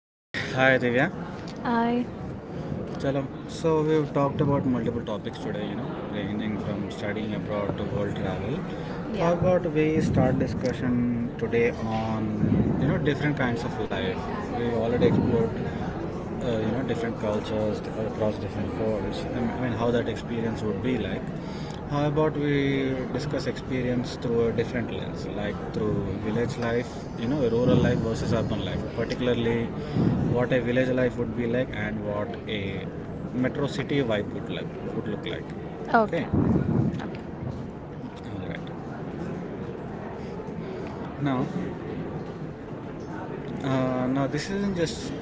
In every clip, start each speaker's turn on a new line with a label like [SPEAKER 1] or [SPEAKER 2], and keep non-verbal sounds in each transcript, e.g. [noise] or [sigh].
[SPEAKER 1] Okay, hi Divya.
[SPEAKER 2] I
[SPEAKER 1] Chalo. So we've talked about multiple topics today, you know, ranging from studying abroad to world travel. How
[SPEAKER 2] yeah.
[SPEAKER 1] about we start discussion today on you know different kinds of life? We've already explored you know different cultures across different worlds. I mean, how that experience would be like. How about we discuss experience through a different lens, like through village life, you know, rural life versus urban life, particularly what a village life would be like and what a metro city vibe would look like. Okay,
[SPEAKER 2] Okay. Okay.
[SPEAKER 1] all right, now now this isn't just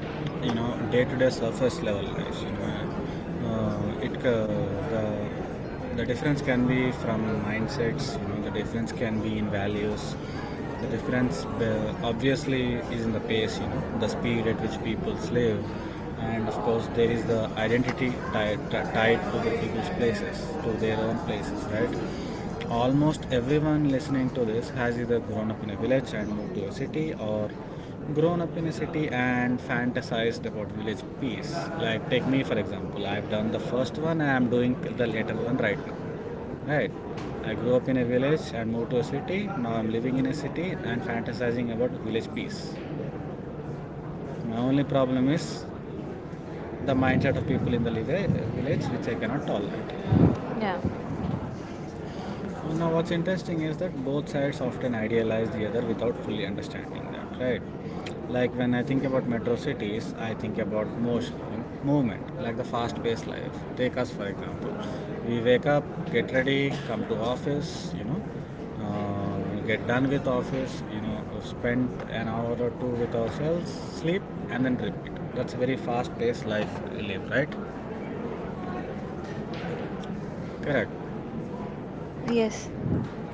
[SPEAKER 1] you know day-to-day surface level life you know it the the difference can be from mindsets, you know, the difference can be in values. The difference obviously is in the pace, you know, the speed at which people live, and of course there is the identity tied, tied to the people's places, to their own places, right? Almost everyone listening to this has either grown up in a village and moved to a city, or grown up in a city and fantasized about village peace. Like take me for example, I've done the first one and I'm doing the later one right now. Right. I grew up in a village and moved to a city. Now I'm living in a city and fantasizing about village peace. My only problem is the mindset of people in the village, which I cannot tolerate.
[SPEAKER 2] Yeah.
[SPEAKER 1] Now, what's interesting is that both sides often idealize the other without fully understanding that, right? Like when I think about metro cities, I think about motion, you know, movement, like the fast-paced life. Take us for example. We wake up, get ready, come to office, you know, get done with office, you know, spend an hour or two with ourselves, sleep, and then repeat. That's a very fast-paced life we live, right? Correct.
[SPEAKER 2] Yes.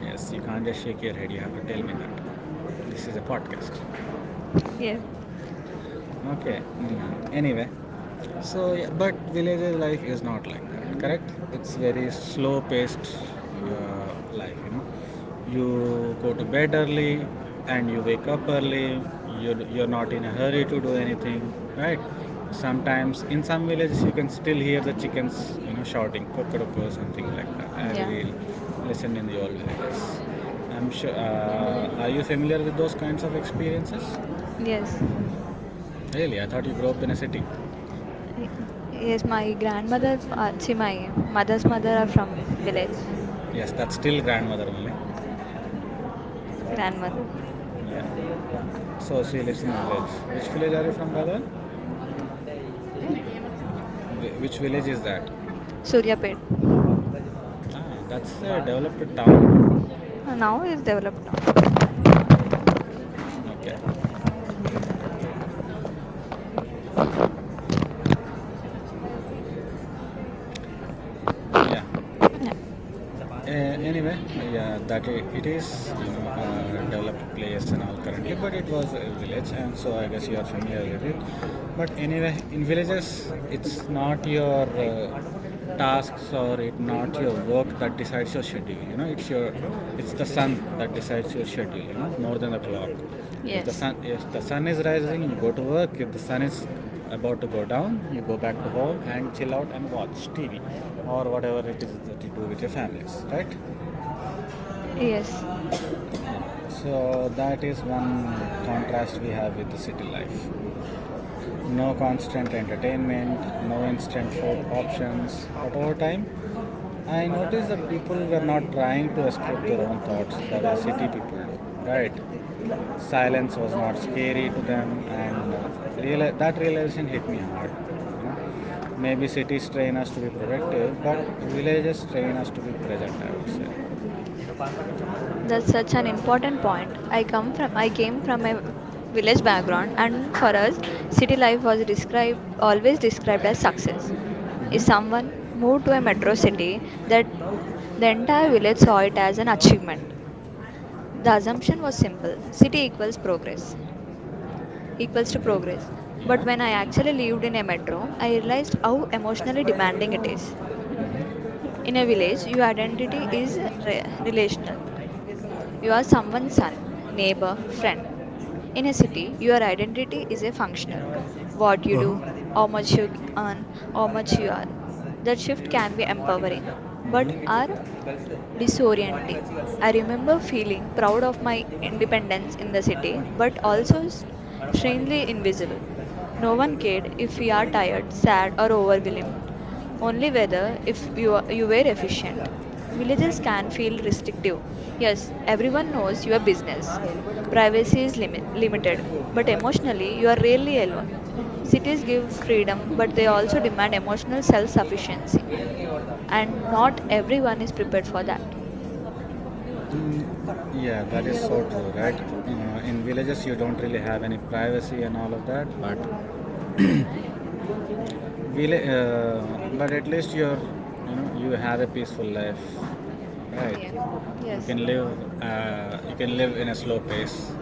[SPEAKER 1] Yes, you can't just shake your head. You have to tell me that. This is a podcast.
[SPEAKER 2] Yes.
[SPEAKER 1] Okay. Anyway, so, yeah, but village life is not like that, correct? It's very slow paced life, you know. You go to bed early and you wake up early, you're not in a hurry to do anything, right? Sometimes in some villages you can still hear the chickens, you know, shouting kokoroko or something like that, as
[SPEAKER 2] Yeah.
[SPEAKER 1] we listen in the old villages. I'm sure. Are you familiar with those kinds of experiences?
[SPEAKER 2] Yes.
[SPEAKER 1] Really, I thought you grew up in a city.
[SPEAKER 2] Y- Yes, my grandmother, see, my mother's mother are from village.
[SPEAKER 1] Yes, that's still grandmother only.
[SPEAKER 2] Grandmother.
[SPEAKER 1] Yeah. So she lives in a village. Which village are you from, brother?
[SPEAKER 2] Sorry.
[SPEAKER 1] Which village is that?
[SPEAKER 2] Suryapet.
[SPEAKER 1] Ah, that's a developed town.
[SPEAKER 2] Now it's developed now.
[SPEAKER 1] Okay. Yeah.
[SPEAKER 2] Yeah.
[SPEAKER 1] Anyway, yeah, that I it is you know a developed place and all currently, but it was a village, and so I guess you are familiar with it. But anyway, in villages, it's not your tasks or it not your work that decides your schedule. You know, it's the sun that decides your schedule. You know, more than the clock.
[SPEAKER 2] Yes.
[SPEAKER 1] If the sun is rising, you go to work. If the sun is about to go down, you go back to home and chill out and watch TV or whatever it is that you do with your families, right?
[SPEAKER 2] Yes.
[SPEAKER 1] So that is one contrast we have with the city life. No constant entertainment, no instant food options, but over time I noticed that people were not trying to escape their own thoughts the way city people do. Right. Silence was not scary to them, and that realization hit me hard, you know. Maybe cities train us to be productive, but villages train us to be present, I would say.
[SPEAKER 2] That's such an important point. I came from a village background, and for us city life was described always described as success. If
[SPEAKER 1] Mhm.
[SPEAKER 2] someone moved to a metro city, that The entire village saw it as an achievement. The assumption was simple: city equals progress, equals to progress. But
[SPEAKER 1] Yeah.
[SPEAKER 2] when I actually lived in a metro, I realized how emotionally
[SPEAKER 1] కష్టపడేది
[SPEAKER 2] demanding
[SPEAKER 1] నేను
[SPEAKER 2] it is. In a village, your identity is relational. You are someone's son, neighbor, friend. In a city, your identity is a functional.
[SPEAKER 1] జనవరి six
[SPEAKER 2] What you do,
[SPEAKER 1] Pratima
[SPEAKER 2] how much you
[SPEAKER 1] night shift
[SPEAKER 2] earn, how much you
[SPEAKER 1] పదిన్నరకు
[SPEAKER 2] are. That shift
[SPEAKER 1] ఏడు
[SPEAKER 2] can be
[SPEAKER 1] మనం morning
[SPEAKER 2] empowering,
[SPEAKER 1] వెళ్తాం ఇది
[SPEAKER 2] but
[SPEAKER 1] మీరు
[SPEAKER 2] are
[SPEAKER 1] చెప్తారా నేను కలుస్తుంది నేను మార్నింగ్
[SPEAKER 2] disorienting.
[SPEAKER 1] వచ్చి
[SPEAKER 2] I
[SPEAKER 1] కలుస్తాను
[SPEAKER 2] remember feeling proud of my
[SPEAKER 1] నీ మార్నింగ్ నాది
[SPEAKER 2] independence in the city,
[SPEAKER 1] morning
[SPEAKER 2] but
[SPEAKER 1] మనం కలుద్దాం
[SPEAKER 2] also
[SPEAKER 1] మనం మార్నింగ్
[SPEAKER 2] strangely
[SPEAKER 1] వచ్చి
[SPEAKER 2] invisible.
[SPEAKER 1] కలిసి
[SPEAKER 2] No
[SPEAKER 1] hi
[SPEAKER 2] one
[SPEAKER 1] Pratima
[SPEAKER 2] cared if
[SPEAKER 1] good
[SPEAKER 2] we are
[SPEAKER 1] morning
[SPEAKER 2] tired, sad, or
[SPEAKER 1] నువ్వు
[SPEAKER 2] overwhelmed, only whether if you, are, you were
[SPEAKER 1] night షిఫ్ట్గా
[SPEAKER 2] efficient.
[SPEAKER 1] నువ్వు
[SPEAKER 2] Villages
[SPEAKER 1] night
[SPEAKER 2] can
[SPEAKER 1] షిఫ్ట్గా
[SPEAKER 2] feel restrictive. Yes, everyone knows your
[SPEAKER 1] మా
[SPEAKER 2] business.
[SPEAKER 1] వెళ్ళిపోయేటప్పుడు చెప్తున్నాను
[SPEAKER 2] Privacy is limited,
[SPEAKER 1] గుర్తుపెట్టుకో
[SPEAKER 2] but
[SPEAKER 1] జనవరి sixth
[SPEAKER 2] emotionally, you are rarely alone. Cities give freedom, but they also demand emotional self
[SPEAKER 1] ఏం చేస్తాను
[SPEAKER 2] sufficiency,
[SPEAKER 1] ఏడకి కొడతాం.
[SPEAKER 2] and not everyone is prepared for that.
[SPEAKER 1] Mm, yeah, that is so true, right? In villages, you don't really have any privacy and all of that, but villa- uh, but at least you're, you know, you have a peaceful life, right?
[SPEAKER 2] Yeah. Yes.
[SPEAKER 1] You can live in a slow pace,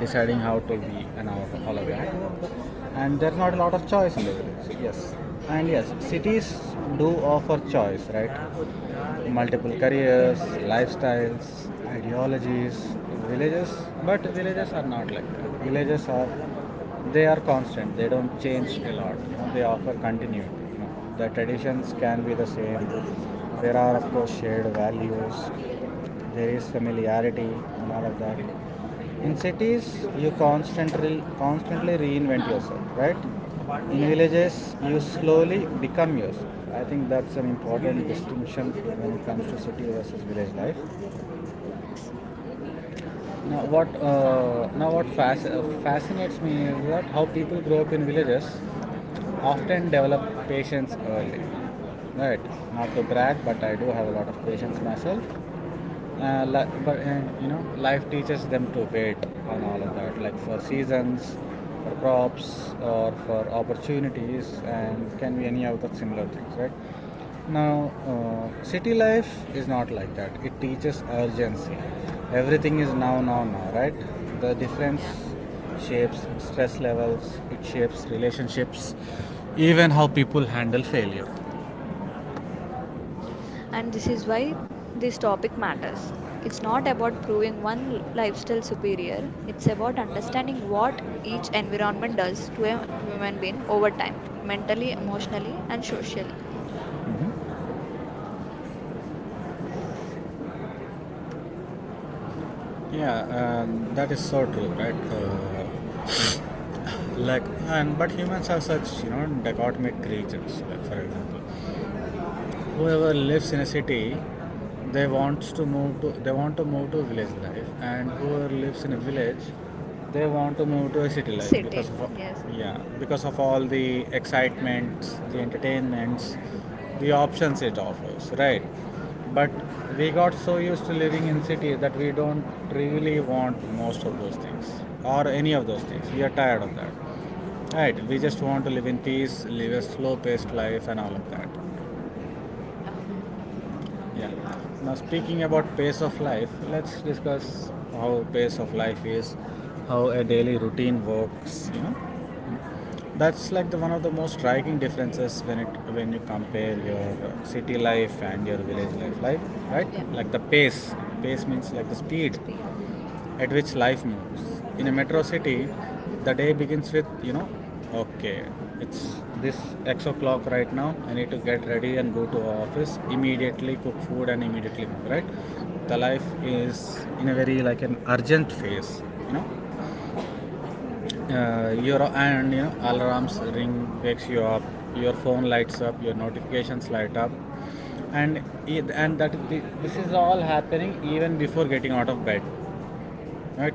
[SPEAKER 1] deciding how to be and all of that. And there's not a lot of choice in the village. Yes, and
[SPEAKER 2] Yes.
[SPEAKER 1] yes, cities do offer choice, right? Multiple careers, lifestyles, ideologies. Villages, but villages are not like that. Villages are They are constant. They don't change a lot. You know, they offer continuity. You know, the traditions can be the same. There are of course shared values, there is familiarity and all of that. In cities, you constantly constantly reinvent yourself, right? In
[SPEAKER 2] Yeah.
[SPEAKER 1] villages, you slowly become yourself. I think that's an important distinction when it comes to city versus village life.
[SPEAKER 2] Yes.
[SPEAKER 1] Now what fascinates me is that how people grow up in villages often develop patience early. Right, not to brag, but I do have a lot of patience myself. Li- but You know, life teaches them to wait on all of that, like for seasons, for crops or for opportunities and can be any other similar things, right? Now city life is not like that, it teaches urgency. Everything is now, now, now, right? The difference
[SPEAKER 2] Yeah.
[SPEAKER 1] shapes stress levels, it shapes relationships, even how people handle failure.
[SPEAKER 2] And this is why this topic matters. It's not about proving one lifestyle superior, it's about understanding what each environment does to a human being over time, mentally, emotionally, and socially.
[SPEAKER 1] Yeah, that is so true, right? [coughs] [laughs] Like and but humans are such you know dichotomic creatures. Like for example, whoever lives in a city, they want to move to village life, and whoever lives in a village they want to move to a city life
[SPEAKER 2] Sit in.
[SPEAKER 1] because of,
[SPEAKER 2] Yes.
[SPEAKER 1] yeah, because of all the excitements, the entertainments, the options it offers, right? But we got so used to living in city that we don't really want most of those things or any of those things, we are tired of that, right? We just want to live in peace, live a slow paced life and all of that.
[SPEAKER 2] Yeah.
[SPEAKER 1] Yeah. Now speaking about pace of life, let's discuss how pace of life is, how a daily routine works. You know, that's like the one of the most striking differences when it when you compare your city life and your life, right?
[SPEAKER 2] Yeah.
[SPEAKER 1] Like the pace. Pace means like the speed
[SPEAKER 2] Speed.
[SPEAKER 1] at which life moves. In a metro city, the day begins with, you know, okay, it's this X o'clock right now, I need to get ready and go to office, immediately cook food and immediately move, right? The life is in a very like an urgent phase, you know. You know alarms ring wakes you up, your phone lights up, your notifications light up, and and that this is all happening even before getting out of bed. Right.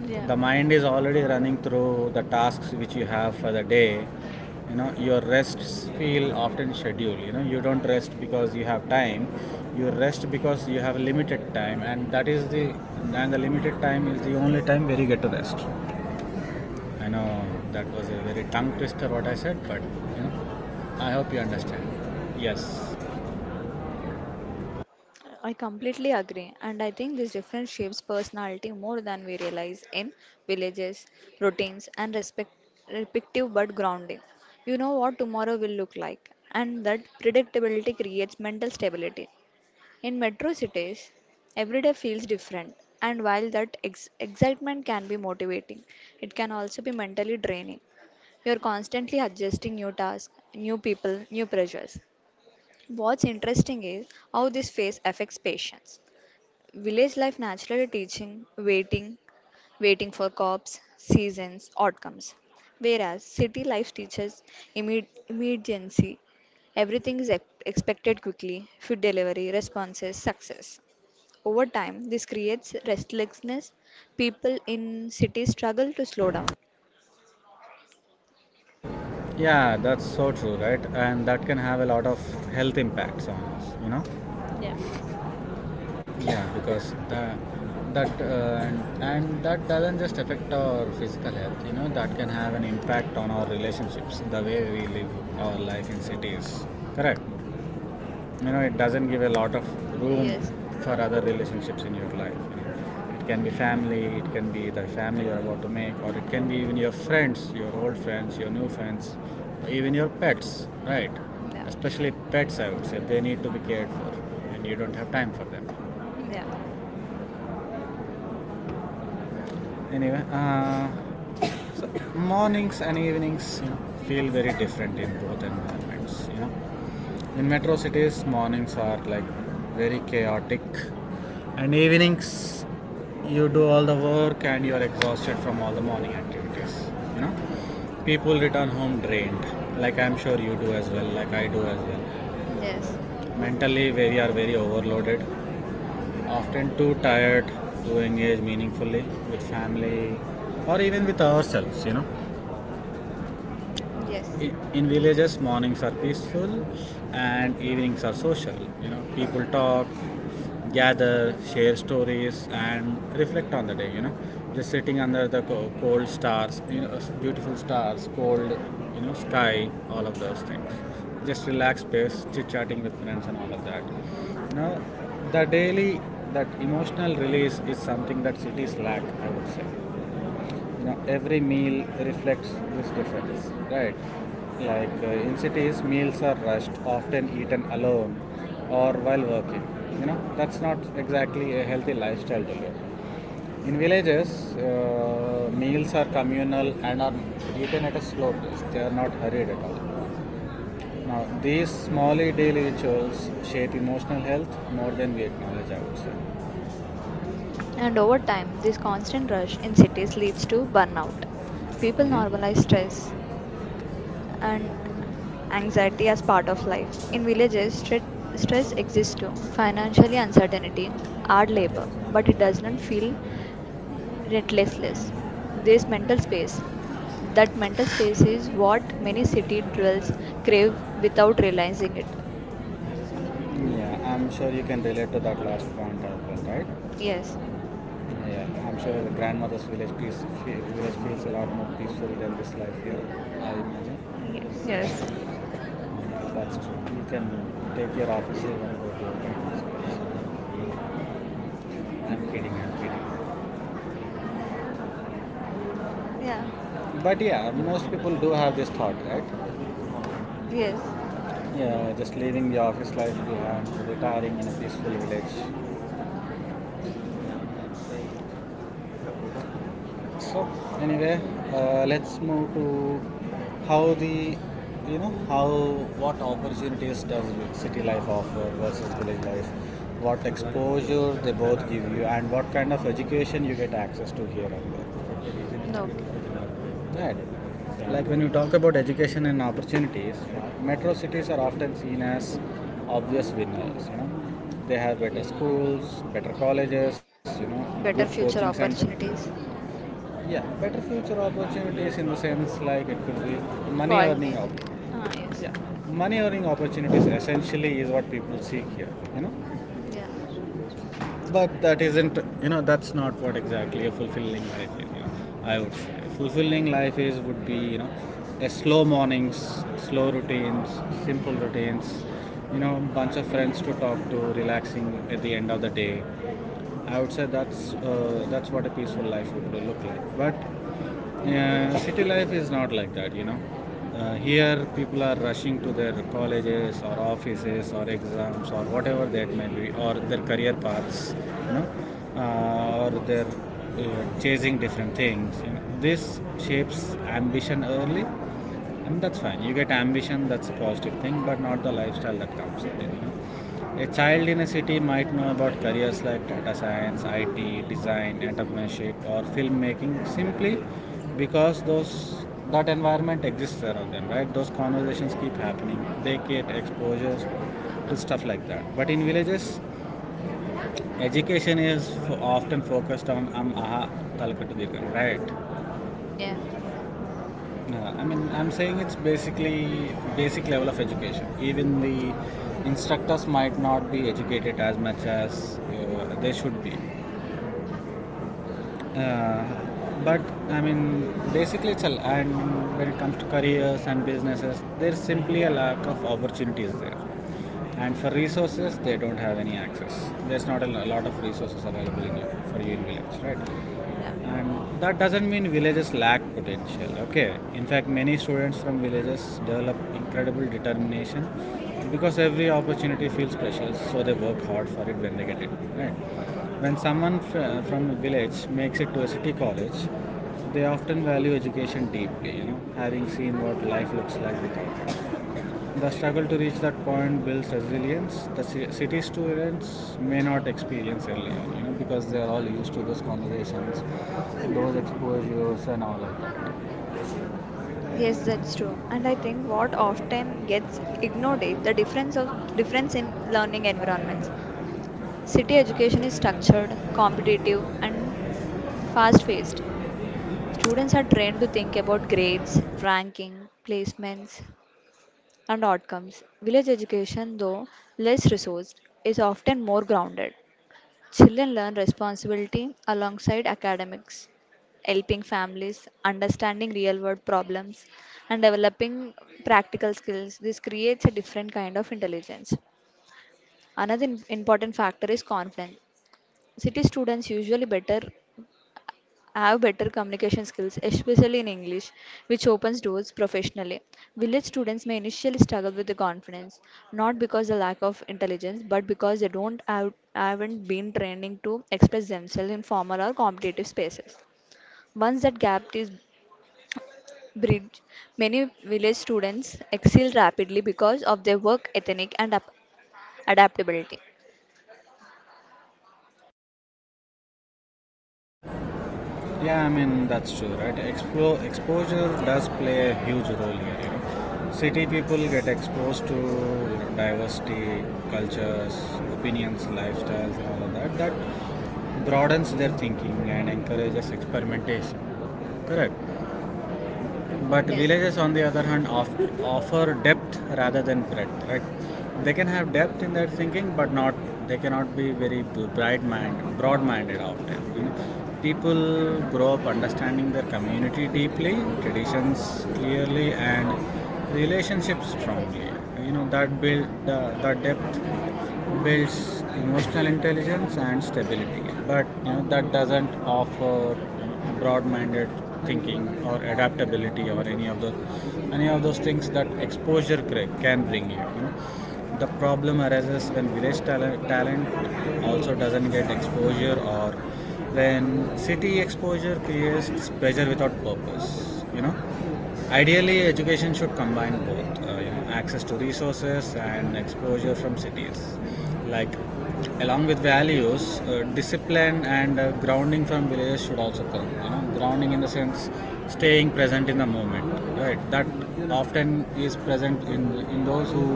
[SPEAKER 2] Yeah.
[SPEAKER 1] The mind is already running through the tasks which you have for the day. You know, your rests feel often scheduled. You know, you don't rest because you have time. You rest because you have limited time, and that is the and the limited time is the only time where you get to rest. I know that was a very tongue twister what I said, but you know, I hope you understand. Yes.
[SPEAKER 2] I completely agree, and I think this difference shapes personality more than we realize in villages, routines, and respective but grounding. You know what tomorrow will look like, and that predictability creates mental stability. In metro cities, every day feels different, and while that excitement can be motivating, it can also be mentally draining. You're constantly adjusting new tasks, new people, new pressures. What's interesting is how this phase affects patients. Village life naturally teaching waiting, waiting for crops, seasons, outcomes. Whereas city life teaches immediacy. Everything is expected quickly, food delivery, responses, success. Over time, this creates restlessness. People in cities struggle to slow down.
[SPEAKER 1] Yeah, that's so true, right? And that can have a lot of health impacts on us, you know.
[SPEAKER 2] Yeah.
[SPEAKER 1] Yeah, because that that and that doesn't just affect our physical health. You know, that can have an impact on our relationships, the way we live our life in cities. Correct. You know, it doesn't give a lot of room
[SPEAKER 2] Yes.
[SPEAKER 1] for other relationships in your life. You know, it can be family, it can be the family you're about to make, or it can be even your friends, your old friends, your new friends, or even your pets. Right.
[SPEAKER 2] Yeah.
[SPEAKER 1] Especially pets, I would say, they need to be cared for, and you don't have time for them.
[SPEAKER 2] Yeah.
[SPEAKER 1] Anyway, so mornings and evenings, you know, feel very different in both environments. You know, in metro cities, mornings are like very chaotic, and evenings, you do all the work and you are exhausted from all the morning activities. You know, people return home drained, like I'm sure you do as well, like I do as well.
[SPEAKER 2] Yes.
[SPEAKER 1] Mentally, we are very overloaded, often too tired to engage meaningfully with family or even with ourselves, you know.
[SPEAKER 2] Yes.
[SPEAKER 1] In villages, mornings are peaceful and evenings are social. You know, people talk, gather, share stories, and reflect on the day. You know, just sitting under the cold stars, you know, beautiful stars, cold, you know, sky, all of those things. Just relaxed space, chit chatting with friends, and all of that. You know, the daily That emotional release is something that cities lack. I would say, every meal reflects this difference, right? Like, in cities, meals are rushed, often eaten alone or while working. That's not exactly a healthy lifestyle to live. In villages, meals are communal and are eaten at a slow pace. They are not hurried at all. Now, these small daily rituals shape emotional health more than we acknowledge, I would say.
[SPEAKER 2] And over time, this constant rush in cities leads to burnout. People normalize
[SPEAKER 1] Hmm.
[SPEAKER 2] stress, and anxiety as part of life. In villages, stress exists too, financially uncertainty, hard labor, but it does not feel relentless. This mental space, that mental space is what many city dwellers crave without realizing it.
[SPEAKER 1] Yeah, I'm sure you can relate to that last point as well, right?
[SPEAKER 2] Yes.
[SPEAKER 1] Yeah, I'm sure the grandmother's village feels a lot more peaceful than this life here. I imagine.
[SPEAKER 2] Ye- Yes,
[SPEAKER 1] And that's true. You can take your office leave and go to your grandmother's village. I'm kidding, I'm kidding.
[SPEAKER 2] yeah,
[SPEAKER 1] But yeah, most people do have this thought, right?
[SPEAKER 2] yes,
[SPEAKER 1] Yeah, just leaving the office life behind, retiring in a peaceful village. So anyway, let's move to how the you know how what opportunities does city life offer versus village life. What exposure they both give you, and what kind of education you get access to here and there,
[SPEAKER 2] no, okay.
[SPEAKER 1] right? Like, when you talk about education and opportunities, metro cities are often seen as obvious winners. They have better schools, better colleges, good
[SPEAKER 2] Better
[SPEAKER 1] coaching
[SPEAKER 2] future
[SPEAKER 1] center.
[SPEAKER 2] opportunities.
[SPEAKER 1] Yeah, better future opportunities, in the sense like it could be money earning
[SPEAKER 2] Quality education. Ah, yes,
[SPEAKER 1] yeah, money earning opportunities essentially is what people seek here.
[SPEAKER 2] yeah,
[SPEAKER 1] But that isn't, you know, that's not what exactly a fulfilling life is. I would say a fulfilling life is would be, a slow mornings, slow routines, simple routines, bunch of friends to talk to, relaxing at the end of the day. I would say that's what a peaceful life would look like. But yeah, city life is not like that. Here, people are rushing to their colleges or offices or exams or whatever that may be, or their career paths, you know, or they're chasing different things. This shapes ambition early, and that's fine. You get ambition, that's a positive thing, but not the lifestyle that comes with it. A child in a city might know about careers like data science, IT, design, entrepreneurship, or filmmaking simply because those that environment exists around them, right? Those conversations keep happening. They get exposures to stuff like that. But in villages, education is often focused on am aha talakattu dirgan, right?
[SPEAKER 2] yeah,
[SPEAKER 1] Yeah, I mean, I'm saying it's basic level of education. Even the instructors might not be educated as much as they should be. Uh, but I mean, basically, and when it comes to careers and businesses, there's simply a lack of opportunities there. And for resources, they don't have any access. There's not a lot of resources available in for you in village, right?
[SPEAKER 2] yeah.
[SPEAKER 1] And that doesn't mean villages lack potential. Okay, in fact, many students from villages develop incredible determination because every opportunity feels precious, so they work hard for it when they get it. Right? When someone from a village makes it to a city college, they often value education deeply, having seen what life looks like without it. The struggle to reach that point builds resilience. The city students may not experience early on, because they are all used to those conversations, those exposures, and all of that.
[SPEAKER 2] Yes, that's true. And I think what often gets ignored is the difference in learning environments. City education is structured, competitive, and fast-paced. Students are trained to think about grades, ranking, placements, and outcomes. Village education, though less resourced, is often more grounded. Children learn responsibility alongside academics, helping families understanding real world problems and developing practical skills. This creates a different kind of intelligence. Another important factor is confidence. City students usually better have better communication skills, especially in English, which opens doors professionally. Village students may initially struggle with the confidence, not because of lack of intelligence, but because they don't have, haven't been training to express themselves in formal or competitive spaces. Once that gap is bridged, many village students excel rapidly because of their work ethic and adaptability.
[SPEAKER 1] Yeah, I mean that's true, right? Exposure does play a huge role here. You know, city people get exposed to, diversity, cultures, opinions, lifestyles, and all of that. That broadens their thinking and encourages experimentation. Correct. But
[SPEAKER 2] Yes,
[SPEAKER 1] villages, on the other hand, offer depth rather than breadth, right? They can have depth in their thinking, but not they cannot be very bright-minded, broad-minded often, you know? People grow up understanding their community deeply, traditions clearly, and relationships strongly. You know that depth builds emotional intelligence and stability, but you know that doesn't offer, broad-minded thinking or adaptability or any of those things that exposure can bring you, you know. The problem arises when village talent also doesn't get exposure, or when city exposure creates pressure without purpose. You know, ideally education should combine both, access to resources and exposure from cities. Like, along with values, discipline and grounding from villages should also come. Grounding in the sense staying present in the moment, right? That often is present in those who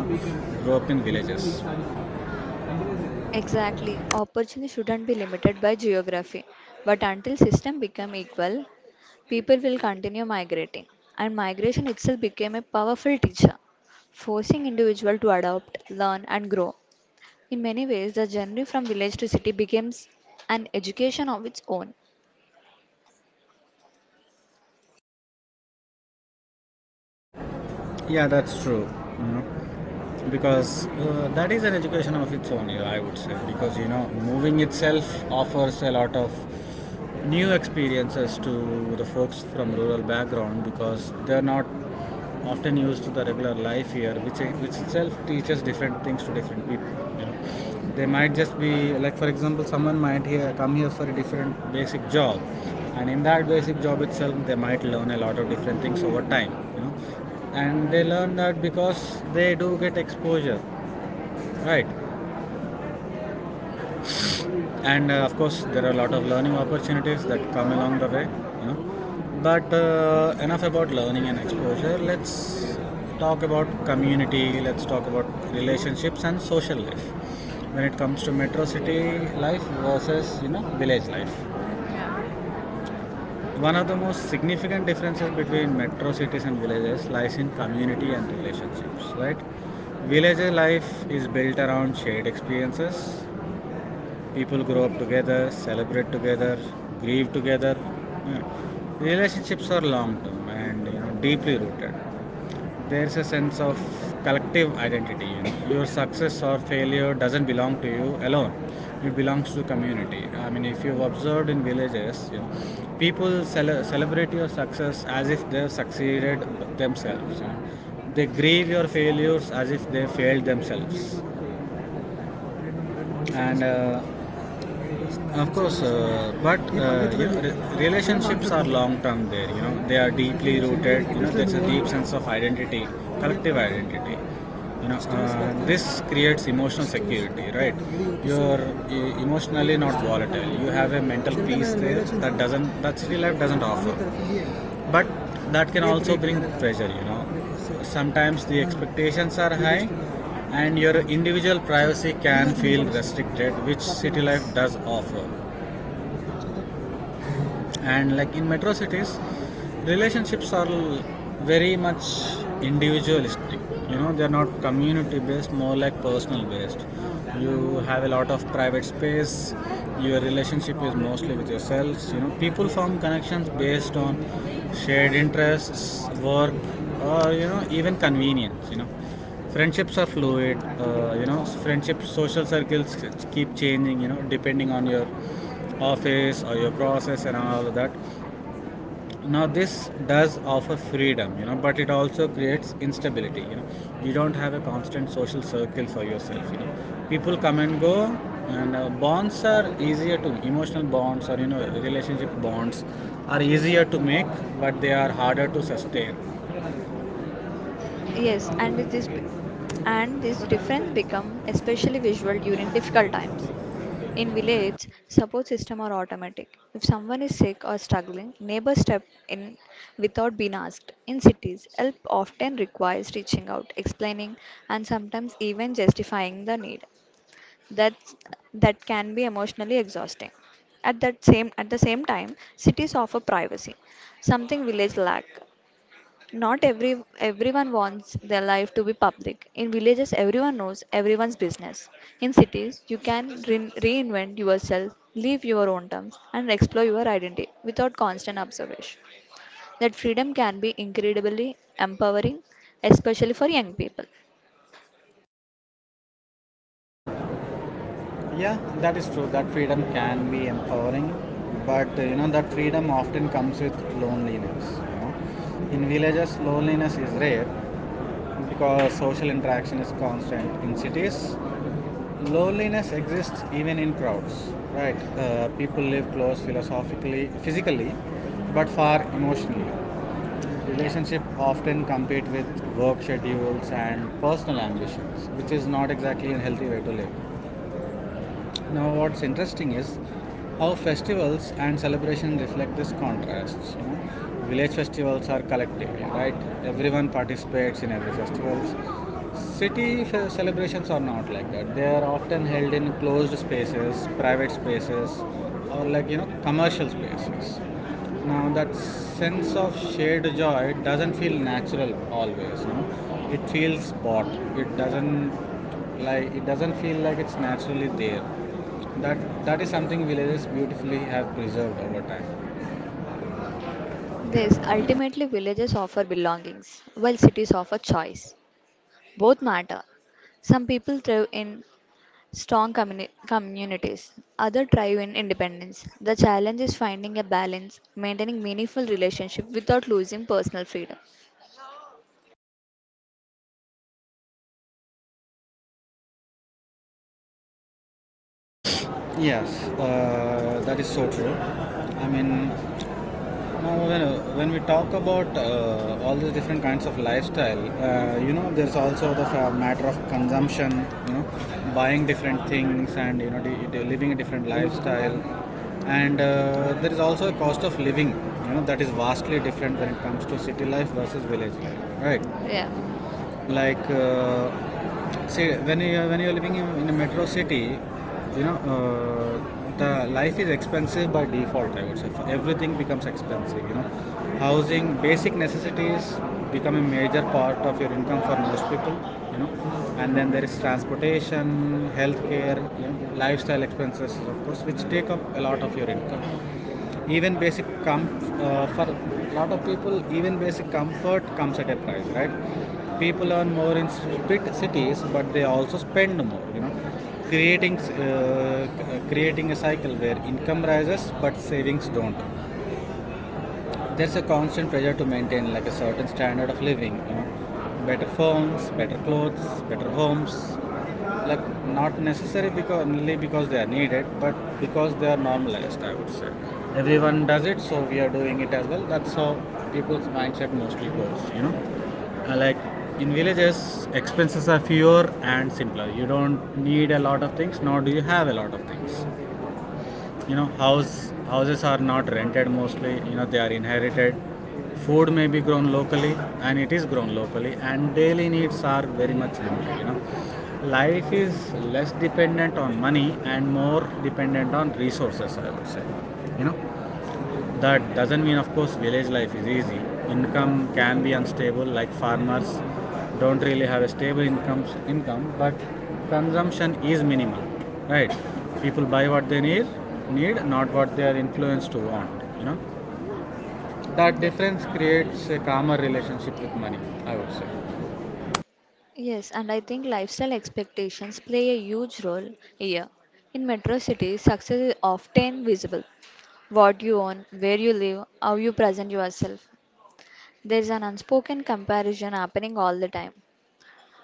[SPEAKER 1] grow up in villages.
[SPEAKER 2] exactly. Opportunity shouldn't be limited by geography, but until system become equal, people will continue migrating, and migration itself became a powerful teacher, forcing individuals to adopt, learn, and grow. In many ways, the journey from village to city becomes an education of its own.
[SPEAKER 1] Yeah, that's true. You know, because that is an education of its own. Yeah, I would say, because moving itself offers a lot of new experiences to the folks from rural background because they're not often used to the regular life here, which itself teaches different things to different people. You know, they might just be, like for example, someone might here come here for a different basic job, and in that basic job itself they might learn a lot of different things over time. And they learn that because they do get exposure, right? And of course there are a lot of learning opportunities that come along the way. But enough about learning and exposure. Let's talk about community. Let's talk about relationships and social life when it comes to metro city life versus village life.
[SPEAKER 2] Yeah.
[SPEAKER 1] One of the most significant differences between metro cities and villages lies in community and relationships, right? Village life is built around shared experiences. People grow up together, celebrate together, grieve together. Yeah. Relationships are long term, and deeply rooted. There's a sense of collective identity. You know. Your success or failure doesn't belong to you alone. It belongs to the community. I mean, if you've observed in villages, people celebrate your success as if they've succeeded themselves. They grieve your failures as if they failed themselves. And of course, but relationships are long term there. They are deeply rooted. There's a deep sense of identity, collective identity. This creates emotional security, right? You're emotionally not volatile. You have a mental peace there that city life doesn't offer. But that can also bring pressure. Sometimes the expectations are high, and your individual privacy can feel restricted, which city life does offer. And like in metro cities, relationships are very much individualistic. They're not community based, more like personal based. You have a lot of private space. Your relationship is mostly with yourselves. People form connections based on shared interests, work, or even convenience. Friendships are fluid. Friendship social circles keep changing, depending on your office or your process and all of that. Now this does offer freedom, but it also creates instability. You don't have a constant social circle for yourself. People come and go, and bonds are easier to emotional bonds, or relationship bonds, are easier to make, but they are harder to sustain.
[SPEAKER 2] Yes, and this difference become especially visual during difficult times. In village, support system are automatic. If someone is sick or struggling, neighbors step in without being asked. In cities, help often requires reaching out, explaining, and sometimes even justifying the need. That's, that can be emotionally exhausting. At the same time, cities offer privacy, something village lack. Not everyone wants their life to be public. In villages, everyone knows everyone's business. In cities, you can reinvent yourself, live your own terms, and explore your identity without constant observation. That freedom can be incredibly empowering, especially for young people.
[SPEAKER 1] Yeah, that is true. That freedom can be empowering, but that freedom often comes with loneliness. In villages, loneliness is rare, because social interaction is constant. In cities, loneliness exists even in crowds, right? People live close philosophically, physically, but far emotionally.
[SPEAKER 2] Yeah.
[SPEAKER 1] Relationship often compete with work schedules and personal ambitions, which is not exactly a healthy way to live. Now, what's interesting is how festivals and celebration reflect this contrast. You know, village festivals are collective, right? Everyone participates in every festivals. City celebrations are not like that. They are often held in closed spaces, private spaces, or like commercial spaces. Now that sense of shared joy doesn't feel natural always. It feels bought. It doesn't Like, it doesn't feel like it's naturally there. That that is something villages beautifully have preserved over time.
[SPEAKER 2] This ultimately villages offer belongings, while cities offer choice. Both matter. Some people thrive in strong communities. Other thrive in independence. The challenge is finding a balance, maintaining meaningful relationship without losing personal freedom.
[SPEAKER 1] Yes, that is so true. I mean, now, when we talk about all these different kinds of lifestyle, there's also the matter of consumption, buying different things, and, living a different lifestyle. And there is also a cost of living, that is vastly different when it comes to city life versus village life, right?
[SPEAKER 2] Yeah.
[SPEAKER 1] Like, see when you're living in a metro city, the life is expensive by default, I would say. Everything becomes expensive, housing, basic necessities become a major part of your income for most people. You know and then there is transportation, healthcare, lifestyle expenses of course, which take up a lot of your income. Even basic for a lot of people, even basic comfort comes at a price, right? People earn more in spit cities, but they also spend more, creating creating a cycle where income rises but savings don't. There's a constant pressure to maintain like a certain standard of living, better phones, better clothes, better homes, like not necessary because, only because they are needed, but because they are normalized, I would say. Everyone does it, so we are doing it as well. That's how people's mindset mostly goes. Like in villages, expenses are fewer and simpler. You don't need a lot of things, nor do you have a lot of things. Houses are not rented mostly, they are inherited. Food may be grown locally, and it is grown locally, and daily needs are very much limited. Life is less dependent on money and more dependent on resources, I would say you know that doesn't mean, of course, village life is easy. Income can be unstable. Like, farmers don't really have a stable income, but consumption is minimal, right? People buy what they need not what they are influenced to want. You know, that
[SPEAKER 2] Yeah.
[SPEAKER 1] difference creates a calmer relationship with money, I would say.
[SPEAKER 2] Yes, and I think lifestyle expectations play a huge role here. In metro cities, success is often visible. What you own, where you live, how you present yourself. There is an unspoken comparison happening all the time.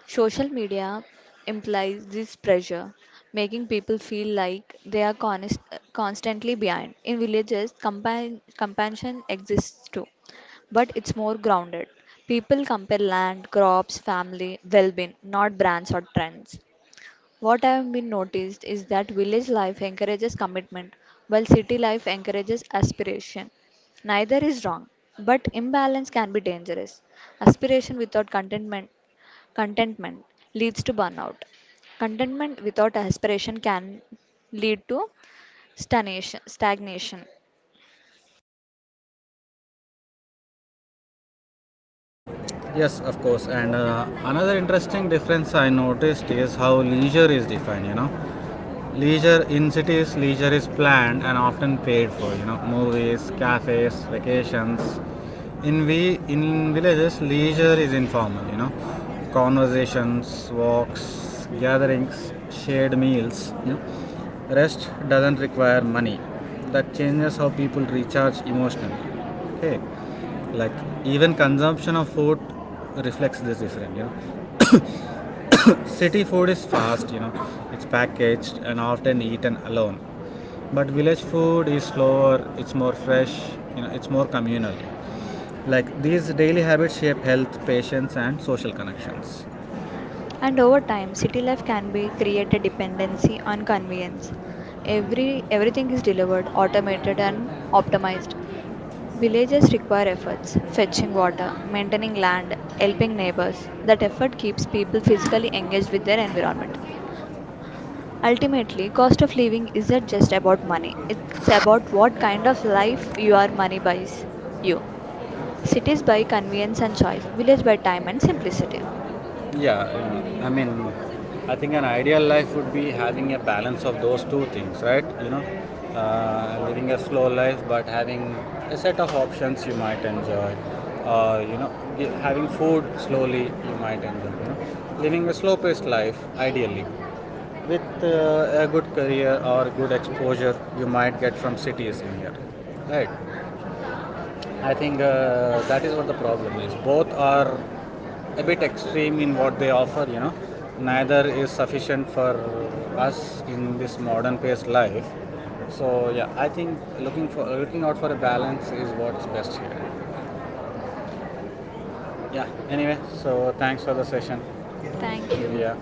[SPEAKER 2] Social media implies this pressure, making people feel like they are constantly behind. In villages, compassion exists too, but it's more grounded. People compare land, crops, family, well being, not brands or trends. What I have been noticed is that village life encourages commitment, while city life encourages aspiration. Neither is wrong, but imbalance can be dangerous. Aspiration without contentment Contentment leads to burnout. Contentment without aspiration can lead to stagnation.
[SPEAKER 1] Yes, of course. And another interesting difference I noticed is how leisure is defined. Leisure in cities, leisure is planned and often paid for, movies, cafes, vacations. In we in villages, leisure is informal, conversations, walks, gatherings, shared meals. Rest doesn't require money. That changes how people recharge emotionally. Okay, like, even consumption of food reflects this different. City food is fast, it's packaged and often eaten alone. But village food is slower, it's more fresh, it's more communal. Like these daily habits shape health, patience, and social connections.
[SPEAKER 2] And over time, city life can be create a dependency on convenience. Everything is delivered, automated and optimized. Villages require efforts, fetching water, maintaining land, helping neighbors. That effort keeps people physically engaged with their environment. Ultimately, cost of living isn't just about money. It's about what kind of life your money buys you. Cities by convenience and choice, village by time and simplicity.
[SPEAKER 1] Yeah, I mean, I think an ideal life would be having a balance of those two things, right? Living a slow life but having a set of options you might enjoy, uh, you know having food slowly you might enjoy, living a slow paced life ideally, with a good career or good exposure you might get from cities in here, right? I think that is what the problem is. Both are a bit extreme in what they offer, you know.
[SPEAKER 2] Yeah.
[SPEAKER 1] Neither is sufficient for us in this modern paced life. So yeah, I think looking out for a balance is what's best here.
[SPEAKER 2] Yeah.
[SPEAKER 1] Yeah. Anyway, so thanks for the session,
[SPEAKER 2] Thank you.
[SPEAKER 1] Divya.